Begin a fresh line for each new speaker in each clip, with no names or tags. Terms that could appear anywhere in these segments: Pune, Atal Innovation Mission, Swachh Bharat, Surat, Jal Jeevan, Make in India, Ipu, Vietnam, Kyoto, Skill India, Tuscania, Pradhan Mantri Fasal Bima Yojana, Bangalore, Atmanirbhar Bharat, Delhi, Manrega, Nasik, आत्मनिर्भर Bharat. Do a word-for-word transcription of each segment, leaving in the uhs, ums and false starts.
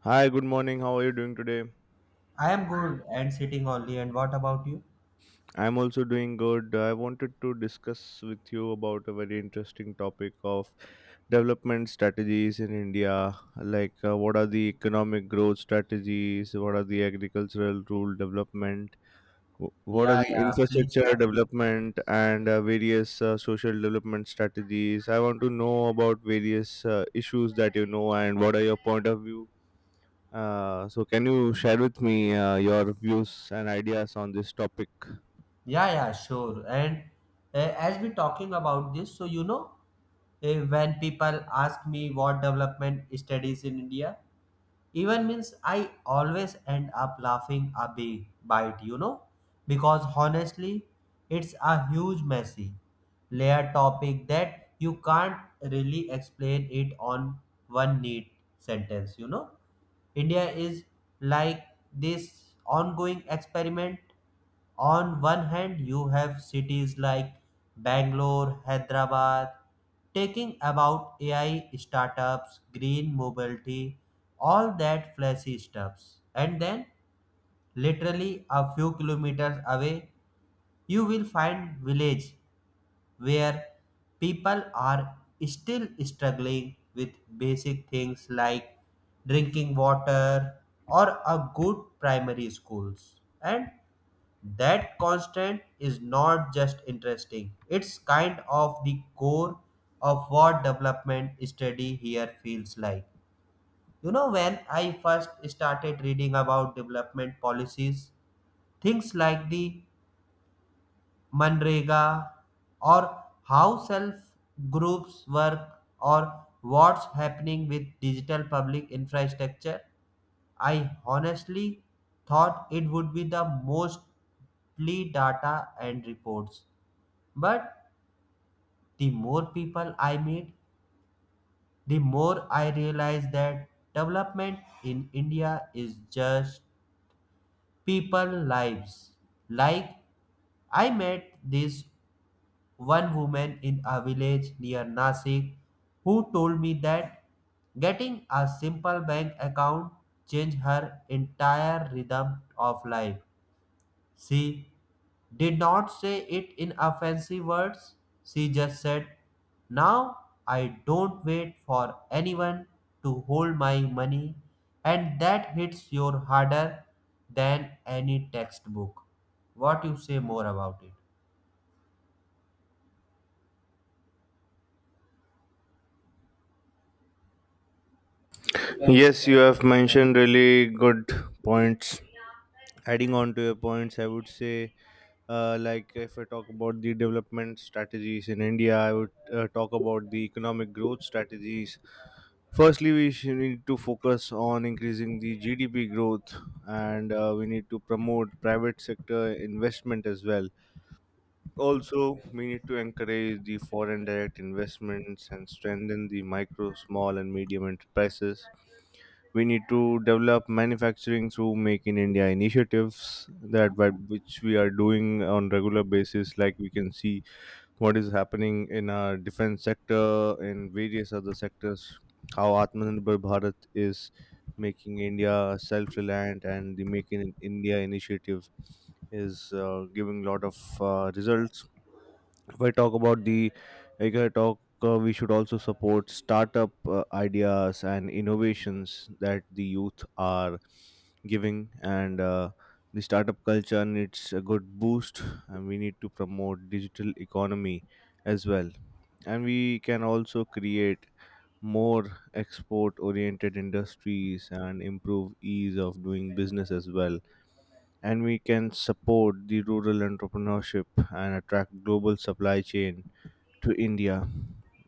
Hi, good morning. How are you doing today?
I am good and sitting only. And what about you?
I'm also doing good. I wanted to discuss with you about a very interesting topic of development strategies in India. Like, uh, what are the economic growth strategies? What are the agricultural rural development? wh- What are
Yeah,
the
yeah, please.
infrastructure
Eh?
development and uh, various uh, social development strategies? I want to know about various uh, issues that you know and what are your point of view. Uh, so, can you share with me uh, your views and ideas on this topic?
Yeah, yeah, sure. And uh, as we talking about this, so you know, uh, when people ask me what development studies in India, even means I always end up laughing a big bite, you know, because honestly, it's a huge messy layer topic that you can't really explain it on one neat sentence, you know. India is like this ongoing experiment. On one hand, you have cities like Bangalore, Hyderabad, taking about A I startups, green mobility, all that flashy stuffs. And then, literally a few kilometers away, you will find village where people are still struggling with basic things like drinking water or a good primary schools, and that constant is not just interesting, it's kind of the core of what development study here feels like. You know, when I first started reading about development policies, things like the Manrega, or how self groups work, or what's happening with digital public infrastructure. I honestly thought it would be the mostly data and reports. But the more people I meet, the more I realize that development in India is just people lives. Like I met this one woman in a village near Nasik who told me that getting a simple bank account changed her entire rhythm of life. She did not say it in a fancy words. She just said, now I don't wait for anyone to hold my money, and that hits your harder than any textbook. What you say more about it?
Yes, you have mentioned really good points. Adding on to your points, I would say, uh, like if I talk about the development strategies in India, I would uh, talk about the economic growth strategies. Firstly, we should need to focus on increasing the G D P growth, and uh, we need to promote private sector investment as well. Also, we need to encourage the foreign direct investments and strengthen the micro, small, and medium enterprises. We need to develop manufacturing through Make in India initiatives that what- which we are doing on regular basis. Like we can see what is happening in our defense sector, in various other sectors, how Atmanirbhar Bharat is making India self-reliant, and the Make in India initiative is uh, giving a lot of uh, results. If I talk about the, like I talk, uh, we should also support startup uh, ideas and innovations that the youth are giving, and uh, the startup culture needs a good boost, and we need to promote digital economy as well, and we can also create more export-oriented industries and improve ease of doing business as well, and we can support the rural entrepreneurship and attract global supply chain to India.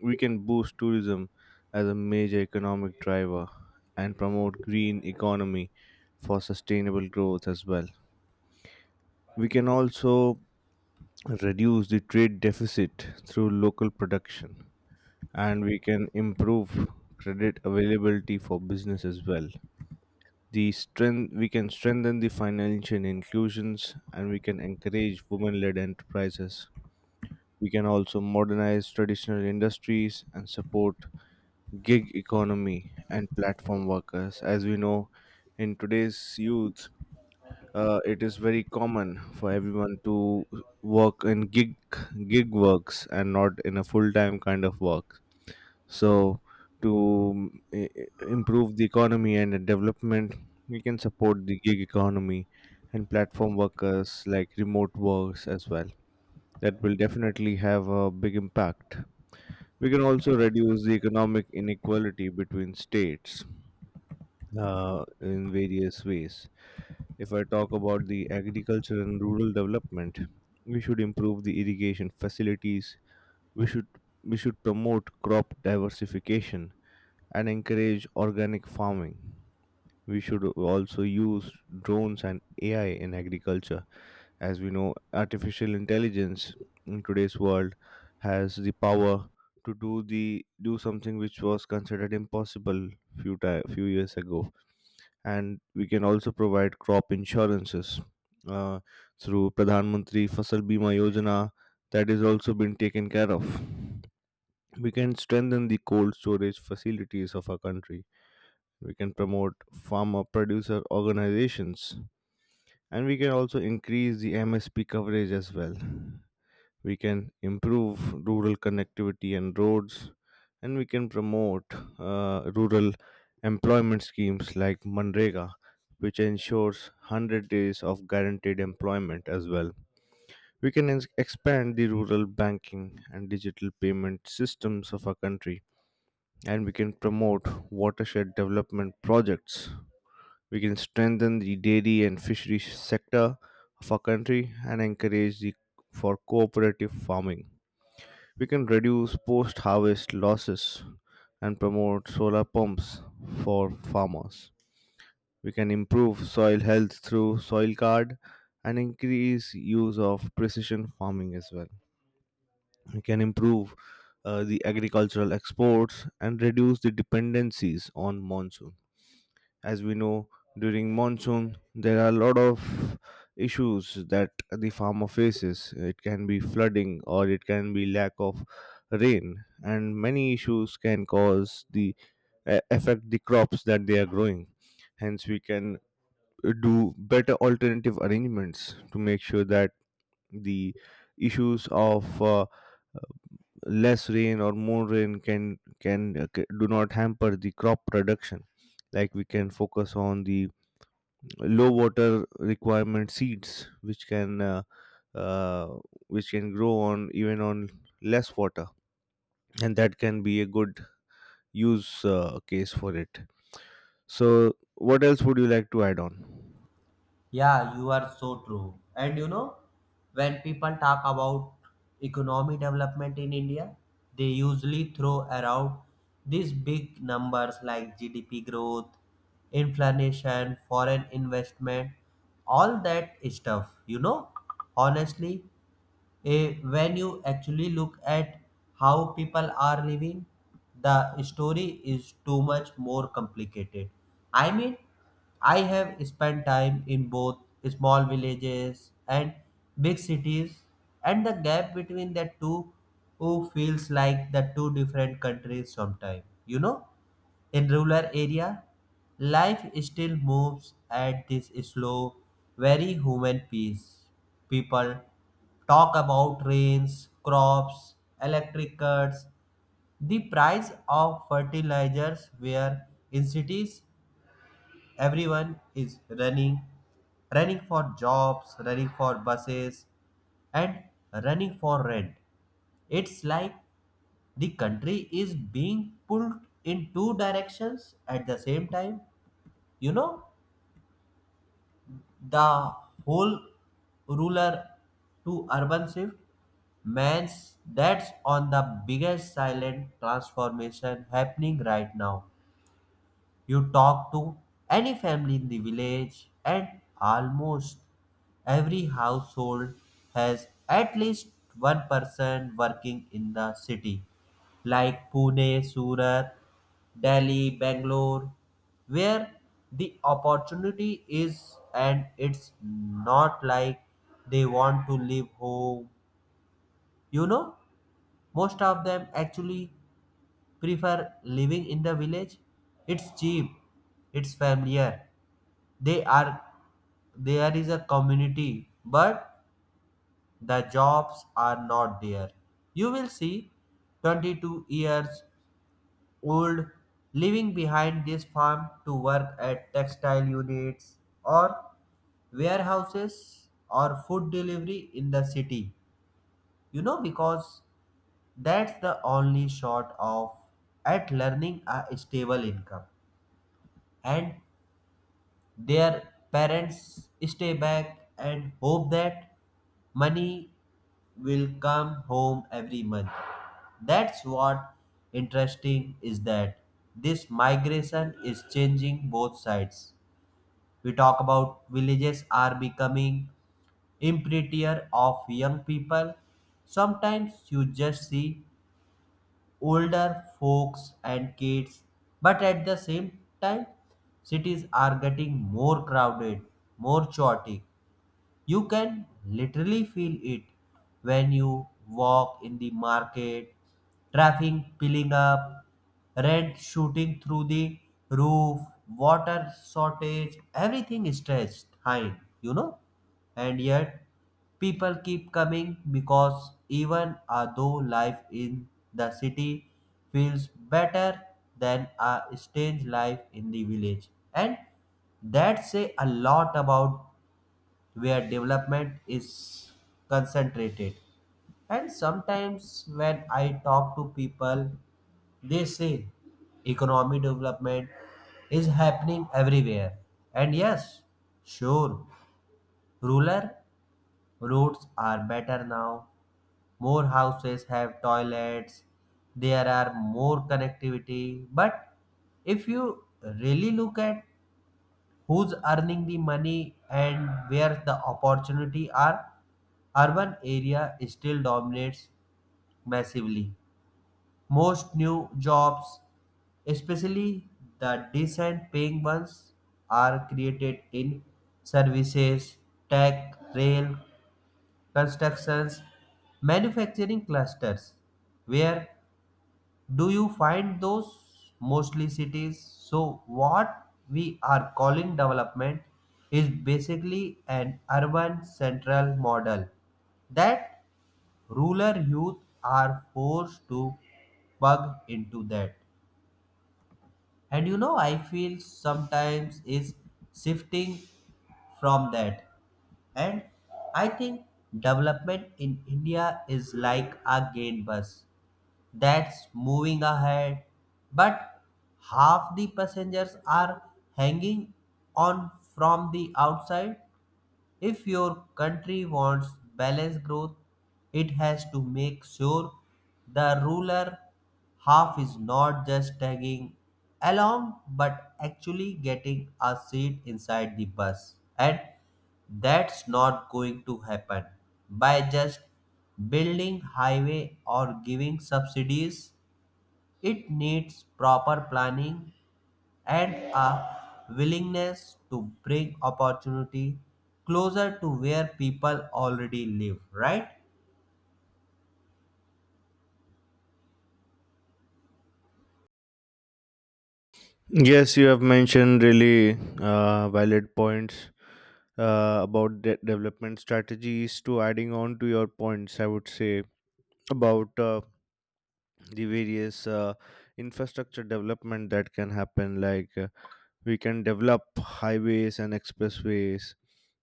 We can boost tourism as a major economic driver and promote green economy for sustainable growth as well. We can also reduce the trade deficit through local production, and we can improve credit availability for business as well. The strength we can strengthen the financial inclusions, and we can encourage women led enterprises. We can also modernize traditional industries and support gig economy and platform workers. As we know, in today's youth, uh, it is very common for everyone to work in gig gig works and not in a full time kind of work. So, to mm, i- i- improve the economy and the development, we can support the gig economy and platform workers like remote works as well. That will definitely have a big impact. We can also reduce the economic inequality between states uh, in various ways. If I talk about the agriculture and rural development, we should improve the irrigation facilities. We should we should promote crop diversification and encourage organic farming. We should also use drones and A I in agriculture. As we know, artificial intelligence in today's world has the power to do the do something which was considered impossible few ti- few years ago, and we can also provide crop insurances uh, through Pradhan Mantri Fasal Bima Yojana. That is also been taken care of. We can strengthen the cold storage facilities of our country. We can promote farmer producer organizations, and we can also increase the M S P coverage as well. We can improve rural connectivity and roads, and we can promote uh, rural employment schemes like Manrega, which ensures one hundred days of guaranteed employment as well. We can ex- expand the rural banking and digital payment systems of our country, and we can promote watershed development projects. We can strengthen the dairy and fisheries sector of our country and encourage the for cooperative farming. We can reduce post harvest losses and promote solar pumps for farmers. We can improve soil health through soil card and increase use of precision farming as well. We can improve uh, the agricultural exports and reduce the dependencies on monsoon. As we know, during monsoon there are a lot of issues that the farmer faces. It can be flooding or it can be lack of rain, and many issues can cause the a- affect the crops that they are growing. Hence we can do better alternative arrangements to make sure that the issues of uh, less rain or more rain can can uh, ca- do not hamper the crop production. Like we can focus on the low water requirement seeds, which can uh, uh, which can grow on even on less water, and that can be a good use uh, case for it. So what else would you like to add on?
Yeah, you are so true. And you know, when people talk about economy development in India, they usually throw around these big numbers like G D P growth, inflation, foreign investment, all that stuff. You know, honestly, eh, when you actually look at how people are living, the story is too much more complicated. I mean, I have spent time in both small villages and big cities, and the gap between the two who feels like the two different countries sometimes, you know? In rural area, life still moves at this slow, very human pace. People talk about rains, crops, electric cuts, the price of fertilizers where in cities everyone is running, running for jobs, running for buses and running for rent. It's like the country is being pulled in two directions at the same time. You know, the whole ruler to urban shift, man's that's on the biggest silent transformation happening right now. You talk to any family in the village, and almost every household has at least one person working in the city, like Pune, Surat, Delhi, Bangalore, where the opportunity is, and it's not like they want to leave home. You know, most of them actually prefer living in the village. It's cheap, it's familiar. They are there is a community, but the jobs are not there. You will see twenty-two years old living behind this farm to work at textile units or warehouses or food delivery in the city. You know, because that's the only short of at learning a stable income, and their parents stay back and hope that money will come home every month. That's what interesting is that this migration is changing both sides. We talk about villages are becoming emptier of young people. Sometimes you just see older folks and kids. But at the same time, cities are getting more crowded, more chaotic, you can literally feel it when you walk in the market, traffic piling up, rent shooting through the roof, water shortage, everything is stretched thin, you know. And yet, people keep coming because even uh, though life in the city feels better than a strange life in the village, and that say a lot about where development is concentrated. And sometimes when I talk to people, they say economic development is happening everywhere. And yes, sure, rural roads are better now. More houses have toilets. There are more connectivity. But if you really look at who's earning the money and where the opportunity are, urban area still dominates massively. Most new jobs, especially the decent paying ones, are created in services, tech rail, constructions, manufacturing clusters. Where do you find those? Mostly cities? So, what we are calling development is basically an urban central model that rural youth are forced to plug into that. And you know, I feel sometimes is shifting from that. And I think development in India is like a gain bus that's moving ahead, but half the passengers are hanging on from the outside. If your country wants balanced growth, it has to make sure the ruler half is not just tagging along but actually getting a seat inside the bus. And that's not going to happen by just building highway or giving subsidies. It needs proper planning and a willingness to bring opportunity closer to where people already live, right?
Yes, you have mentioned really uh, valid points uh, about de- development strategies. To adding on to your points, I would say about uh, the various uh, infrastructure development that can happen. Like uh, we can develop highways and expressways,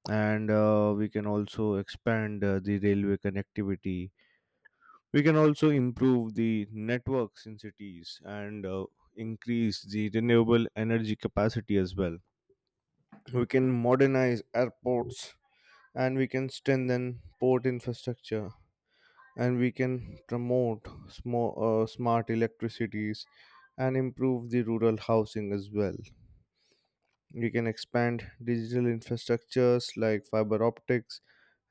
and uh, we can also expand uh, the railway connectivity. We can also improve the networks in cities and uh, increase the renewable energy capacity as well. We can modernize airports, and we can strengthen port infrastructure, and we can promote sm- uh, smart electricities and improve the rural housing as well. You can expand digital infrastructures like fiber optics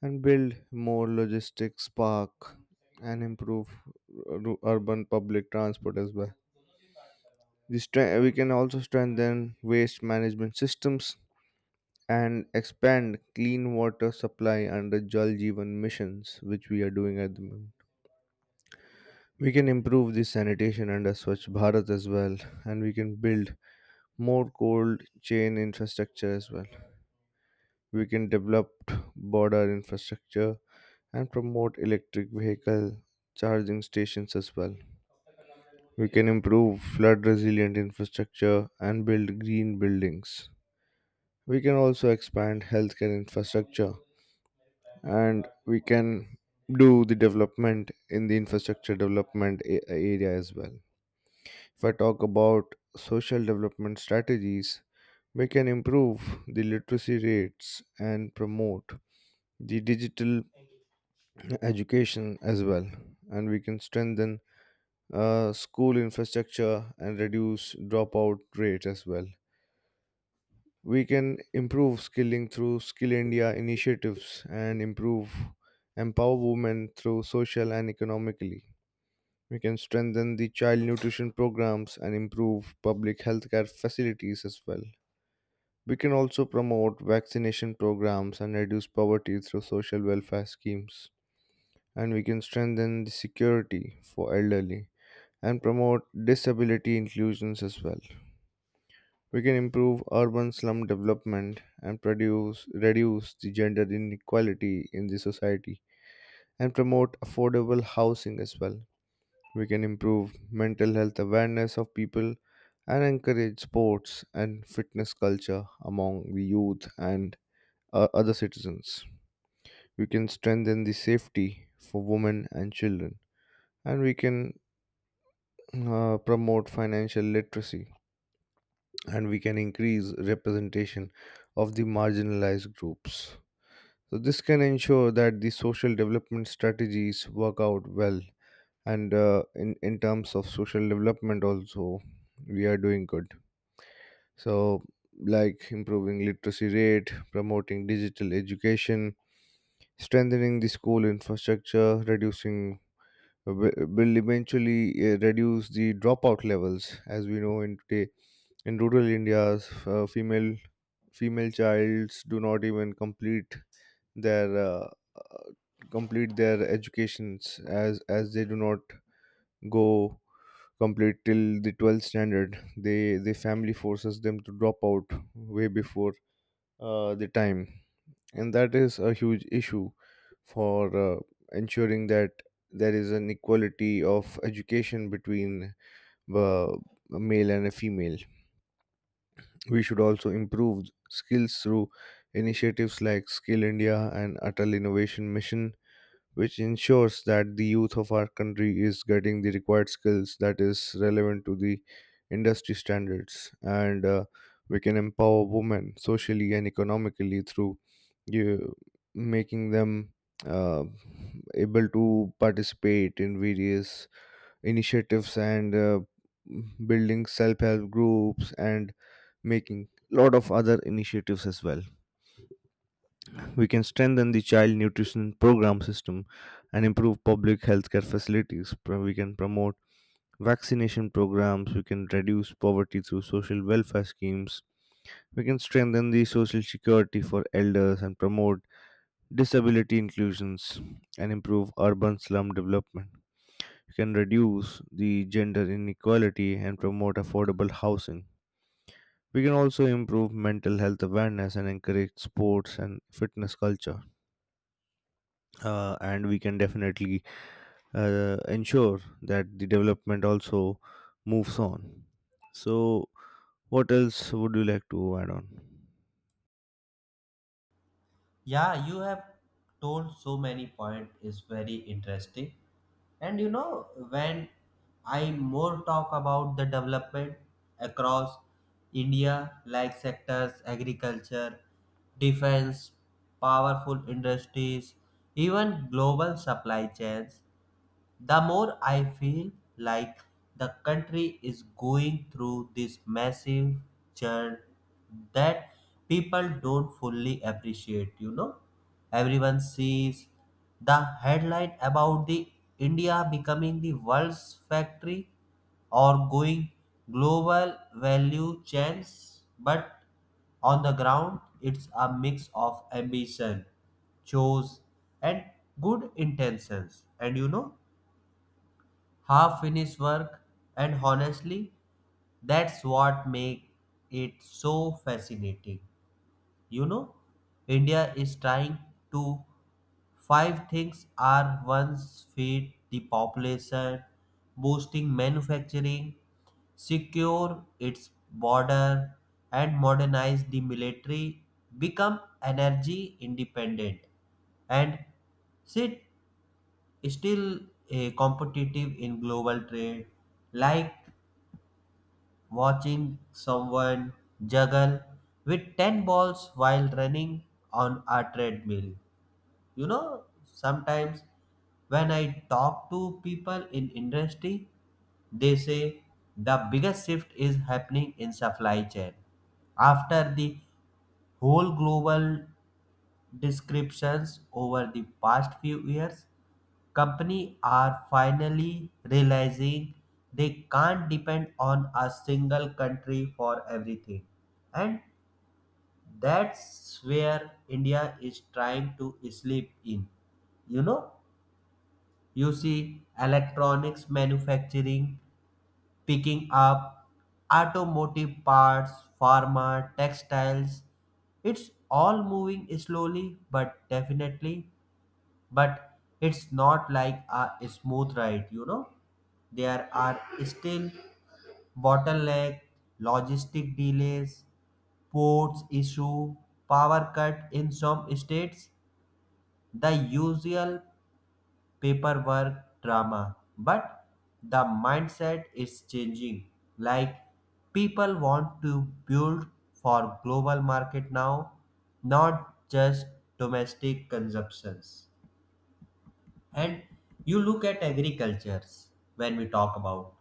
and build more logistics park and improve ru- urban public transport as well. This stre- we can also strengthen waste management systems and expand clean water supply under Jal Jeevan missions, which we are doing at the moment. We can improve the sanitation under Swachh Bharat as well, and we can build more cold chain infrastructure as well. We can develop border infrastructure and promote electric vehicle charging stations as well. We can improve flood resilient infrastructure and build green buildings. We can also expand healthcare infrastructure, and we can do the development in the infrastructure development a- area as well. If I talk about social development strategies, we can improve the literacy rates and promote the digital education as well, and we can strengthen uh, school infrastructure and reduce dropout rate as well. We can improve skilling through Skill India initiatives and improve empower women through social and economically. We can strengthen the child nutrition programs and improve public healthcare facilities as well. We can also promote vaccination programs and reduce poverty through social welfare schemes, and we can strengthen the security for elderly and promote disability inclusions as well. We can improve urban slum development and produce, reduce the gender inequality in the society and promote affordable housing as well. We can improve mental health awareness of people and encourage sports and fitness culture among the youth and uh, other citizens. We can strengthen the safety for women and children, and we can uh, promote financial literacy, and we can increase representation of the marginalized groups. So, this can ensure that the social development strategies work out well. And uh, in, in terms of social development, also, we are doing good. So, like improving literacy rate, promoting digital education, strengthening the school infrastructure, reducing wi- will eventually uh, reduce the dropout levels. As we know, in today in rural India's uh, female female childs do not even complete their uh, uh, complete their educations as as they do not go complete till the twelfth standard. They the family forces them to drop out way before uh, the time, and that is a huge issue for uh, ensuring that there is an equality of education between uh, a male and a female. We should also improve skills through initiatives like Skill India and Atal Innovation Mission, which ensures that the youth of our country is getting the required skills that is relevant to the industry standards. And uh, we can empower women socially and economically through you, making them uh, able to participate in various initiatives and uh, building self-help groups and making lot of other initiatives as well. We can strengthen the child nutrition program system and improve public healthcare facilities. Pro- we can promote vaccination programs. We can reduce poverty through social welfare schemes. We can strengthen the social security for elders and promote disability inclusions and improve urban slum development. We can reduce the gender inequality and promote affordable housing. We can also improve mental health awareness and encourage sports and fitness culture. Uh, and we can definitely uh, ensure that the development also moves on. So, what else would you like to add on?
Yeah, you have told so many points is very interesting. And you know, when I more talk about the development across India, like sectors, agriculture, defense, powerful industries, even global supply chains. The more I feel like the country is going through this massive churn that people don't fully appreciate. You know, everyone sees the headline about the India becoming the world's factory or going global value chains, but on the ground, it's a mix of ambition, chores, and good intentions. And you know, half finished work and honestly that's what makes it so fascinating. You know, India is trying to five things are once, feed the population, boosting manufacturing, secure its border and modernize the military, become energy independent and sit still eh, competitive in global trade, like watching someone juggle with ten balls while running on a treadmill. You know, sometimes when I talk to people in industry, they say the biggest shift is happening in supply chain. After the whole global descriptions over the past few years, companies are finally realizing they can't depend on a single country for everything, and that's where India is trying to sleep in. You know, you see electronics manufacturing picking up, automotive parts, pharma, textiles, it's all moving slowly but definitely. But it's not like a smooth ride, you know. There are still bottleneck, logistic delays, ports issue, power cut in some states, the usual paperwork drama. But the mindset is changing, like people want to build for global market now, not just domestic consumptions. And you look at agricultures, when we talk about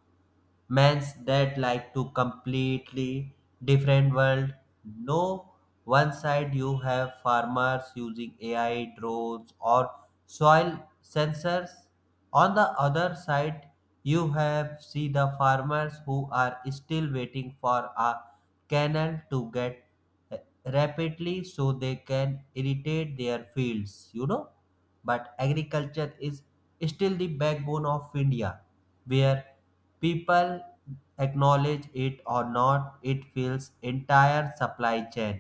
man's that like to completely different world. No, one side you have farmers using A I drones or soil sensors. On the other side you have see the farmers who are still waiting for a canal to get rapidly so they can irrigate their fields. You know, but agriculture is still the backbone of India, where people acknowledge it or not, it fills entire supply chain,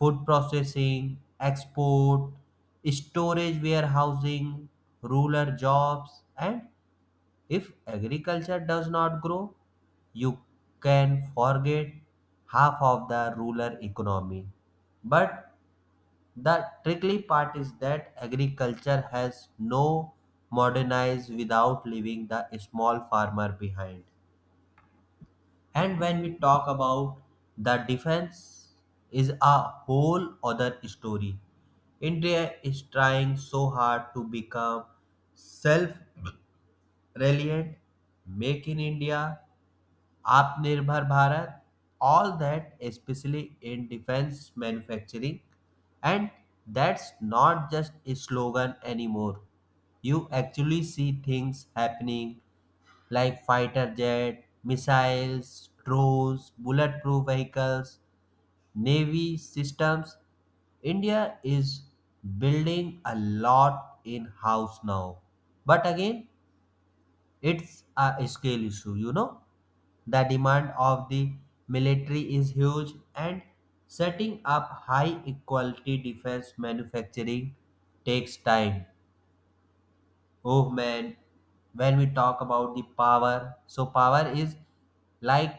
food processing, export, storage warehousing, rural jobs. And if agriculture does not grow, you can forget half of the rural economy. But the tricky part is that agriculture has no modernized without leaving the small farmer behind. And when we talk about the defense is a whole other story. India is trying so hard to become self reliant. Make in India, आत्मनिर्भर Bharat, all that, especially in defense manufacturing. And that's not just a slogan anymore. You actually see things happening like fighter jet, missiles, drones, bulletproof vehicles, navy systems. India is building a lot in house now. But again, it's a scale issue, you know. The demand of the military is huge, and setting up high equality defense manufacturing takes time. Oh man, when we talk about the power, so power is like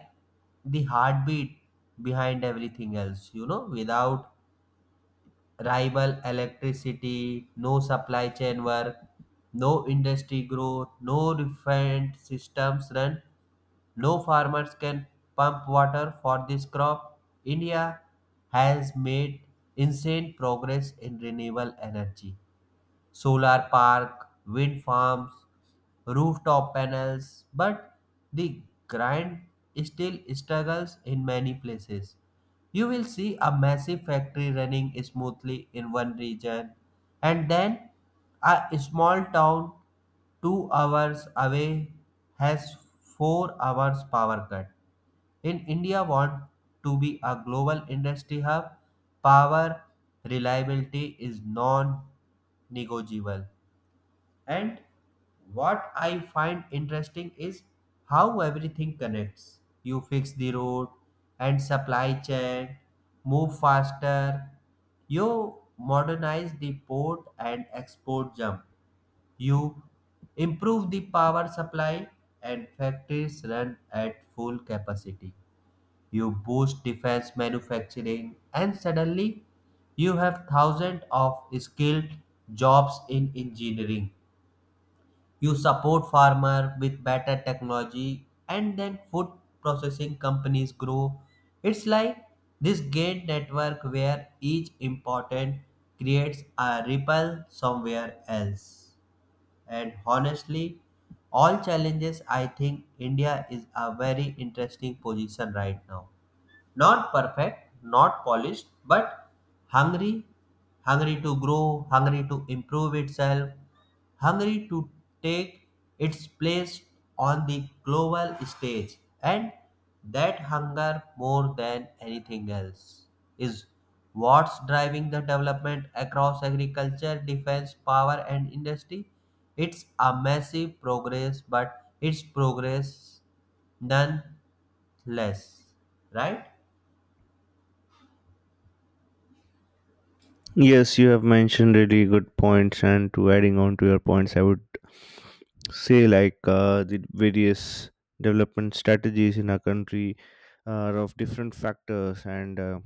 the heartbeat behind everything else, you know. Without rival electricity, no supply chain work, no industry growth, no refined systems run, no farmers can pump water for this crop. India has made insane progress in renewable energy, solar park, wind farms, rooftop panels, but the grind still struggles in many places. You will see a massive factory running smoothly in one region, and then a small town two hours away has four hours power cut. In India want to be a global industry hub, power reliability is non-negotiable. And what I find interesting is how everything connects. You fix the road and supply chain, move faster. You modernize the port and export jump. You improve the power supply and factories run at full capacity. You boost defense manufacturing, and suddenly you have thousands of skilled jobs in engineering. You support farmer with better technology, and then food processing companies grow. It's like this gain network where each important creates a ripple somewhere else. And honestly, all challenges, I think India is a very interesting position right now. Not perfect, not polished, but hungry, hungry to grow, hungry to improve itself, hungry to take its place on the global stage. And that hunger, more than anything else, is what's driving the development across agriculture, defense, power, and industry. It's a massive progress, but it's progress nonetheless, right?
Yes, you have mentioned really good points, and to adding on to your points, I would say like uh, the various development strategies in our country are of different factors, and uh,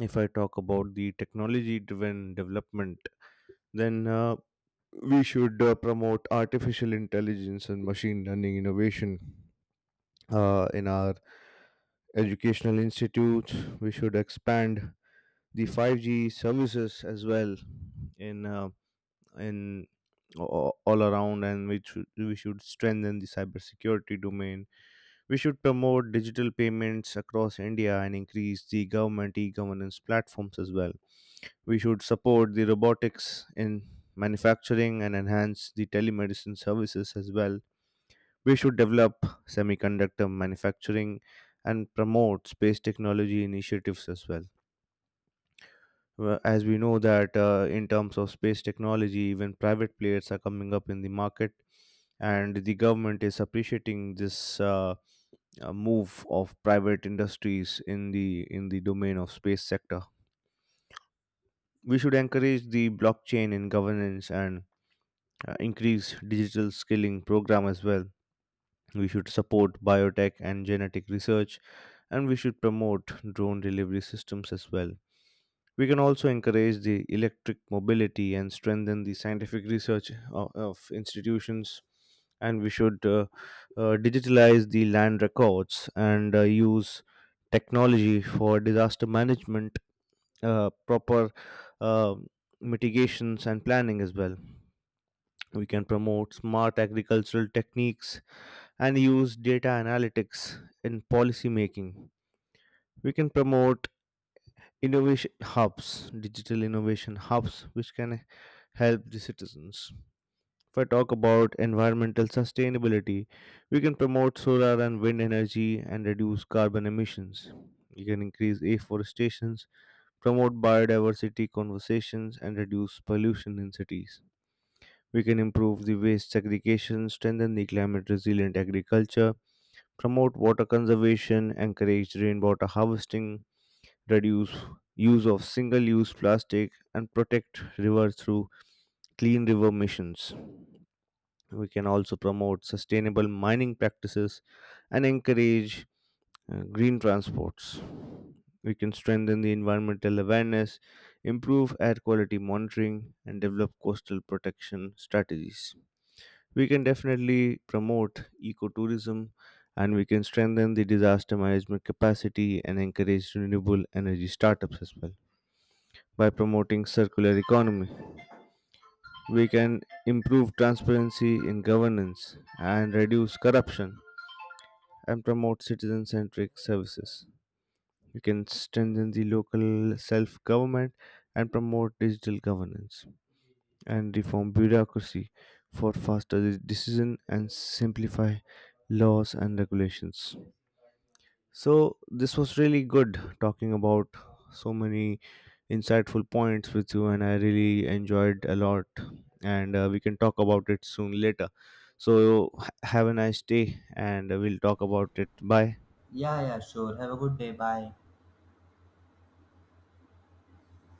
if I talk about the technology driven development, then uh, we should uh, promote artificial intelligence and machine learning innovation uh, in our educational institutes. We should expand the five G services as well in uh, in a- all around, and we should, we should strengthen the cybersecurity domain. We should promote digital payments across India and increase the government e-governance platforms as well. We should support the robotics in manufacturing and enhance the telemedicine services as well. We should develop semiconductor manufacturing and promote space technology initiatives as well. Well, as we know that uh, in terms of space technology, even private players are coming up in the market, and the government is appreciating this uh, uh, move of private industries in the in the domain of space sector. We should encourage the blockchain in governance and uh, increase digital skilling program as well. We should support biotech and genetic research, and we should promote drone delivery systems as well. We can also encourage the electric mobility and strengthen the scientific research of, of institutions. And we should uh, uh, digitalize the land records and uh, use technology for disaster management, uh, proper uh, mitigations, and planning as well. We can promote smart agricultural techniques and use data analytics in policy making. We can promote innovation hubs, digital innovation hubs, which can help the citizens. If I talk about environmental sustainability, we can promote solar and wind energy and reduce carbon emissions. We can increase afforestation, promote biodiversity conversations, and reduce pollution in cities. We can improve the waste segregation, strengthen the climate resilient agriculture, promote water conservation, encourage rainwater harvesting, reduce use of single use plastic, and protect rivers through clean river missions. We can also promote sustainable mining practices and encourage uh, green transports. We can strengthen the environmental awareness, improve air quality monitoring, and develop coastal protection strategies. We can definitely promote ecotourism, and we can strengthen the disaster management capacity and encourage renewable energy startups as well. By promoting circular economy, we can improve transparency in governance and reduce corruption and promote citizen centric services. We can strengthen the local self government and promote digital governance and reform bureaucracy for faster de- decision and simplify laws and regulations. So this was really good talking about so many insightful points with you, and I really enjoyed a lot, and uh, we can talk about it soon later. So ha- have a nice day, and we'll talk about it. Bye.
Yeah, yeah, sure. Have a good day. Bye.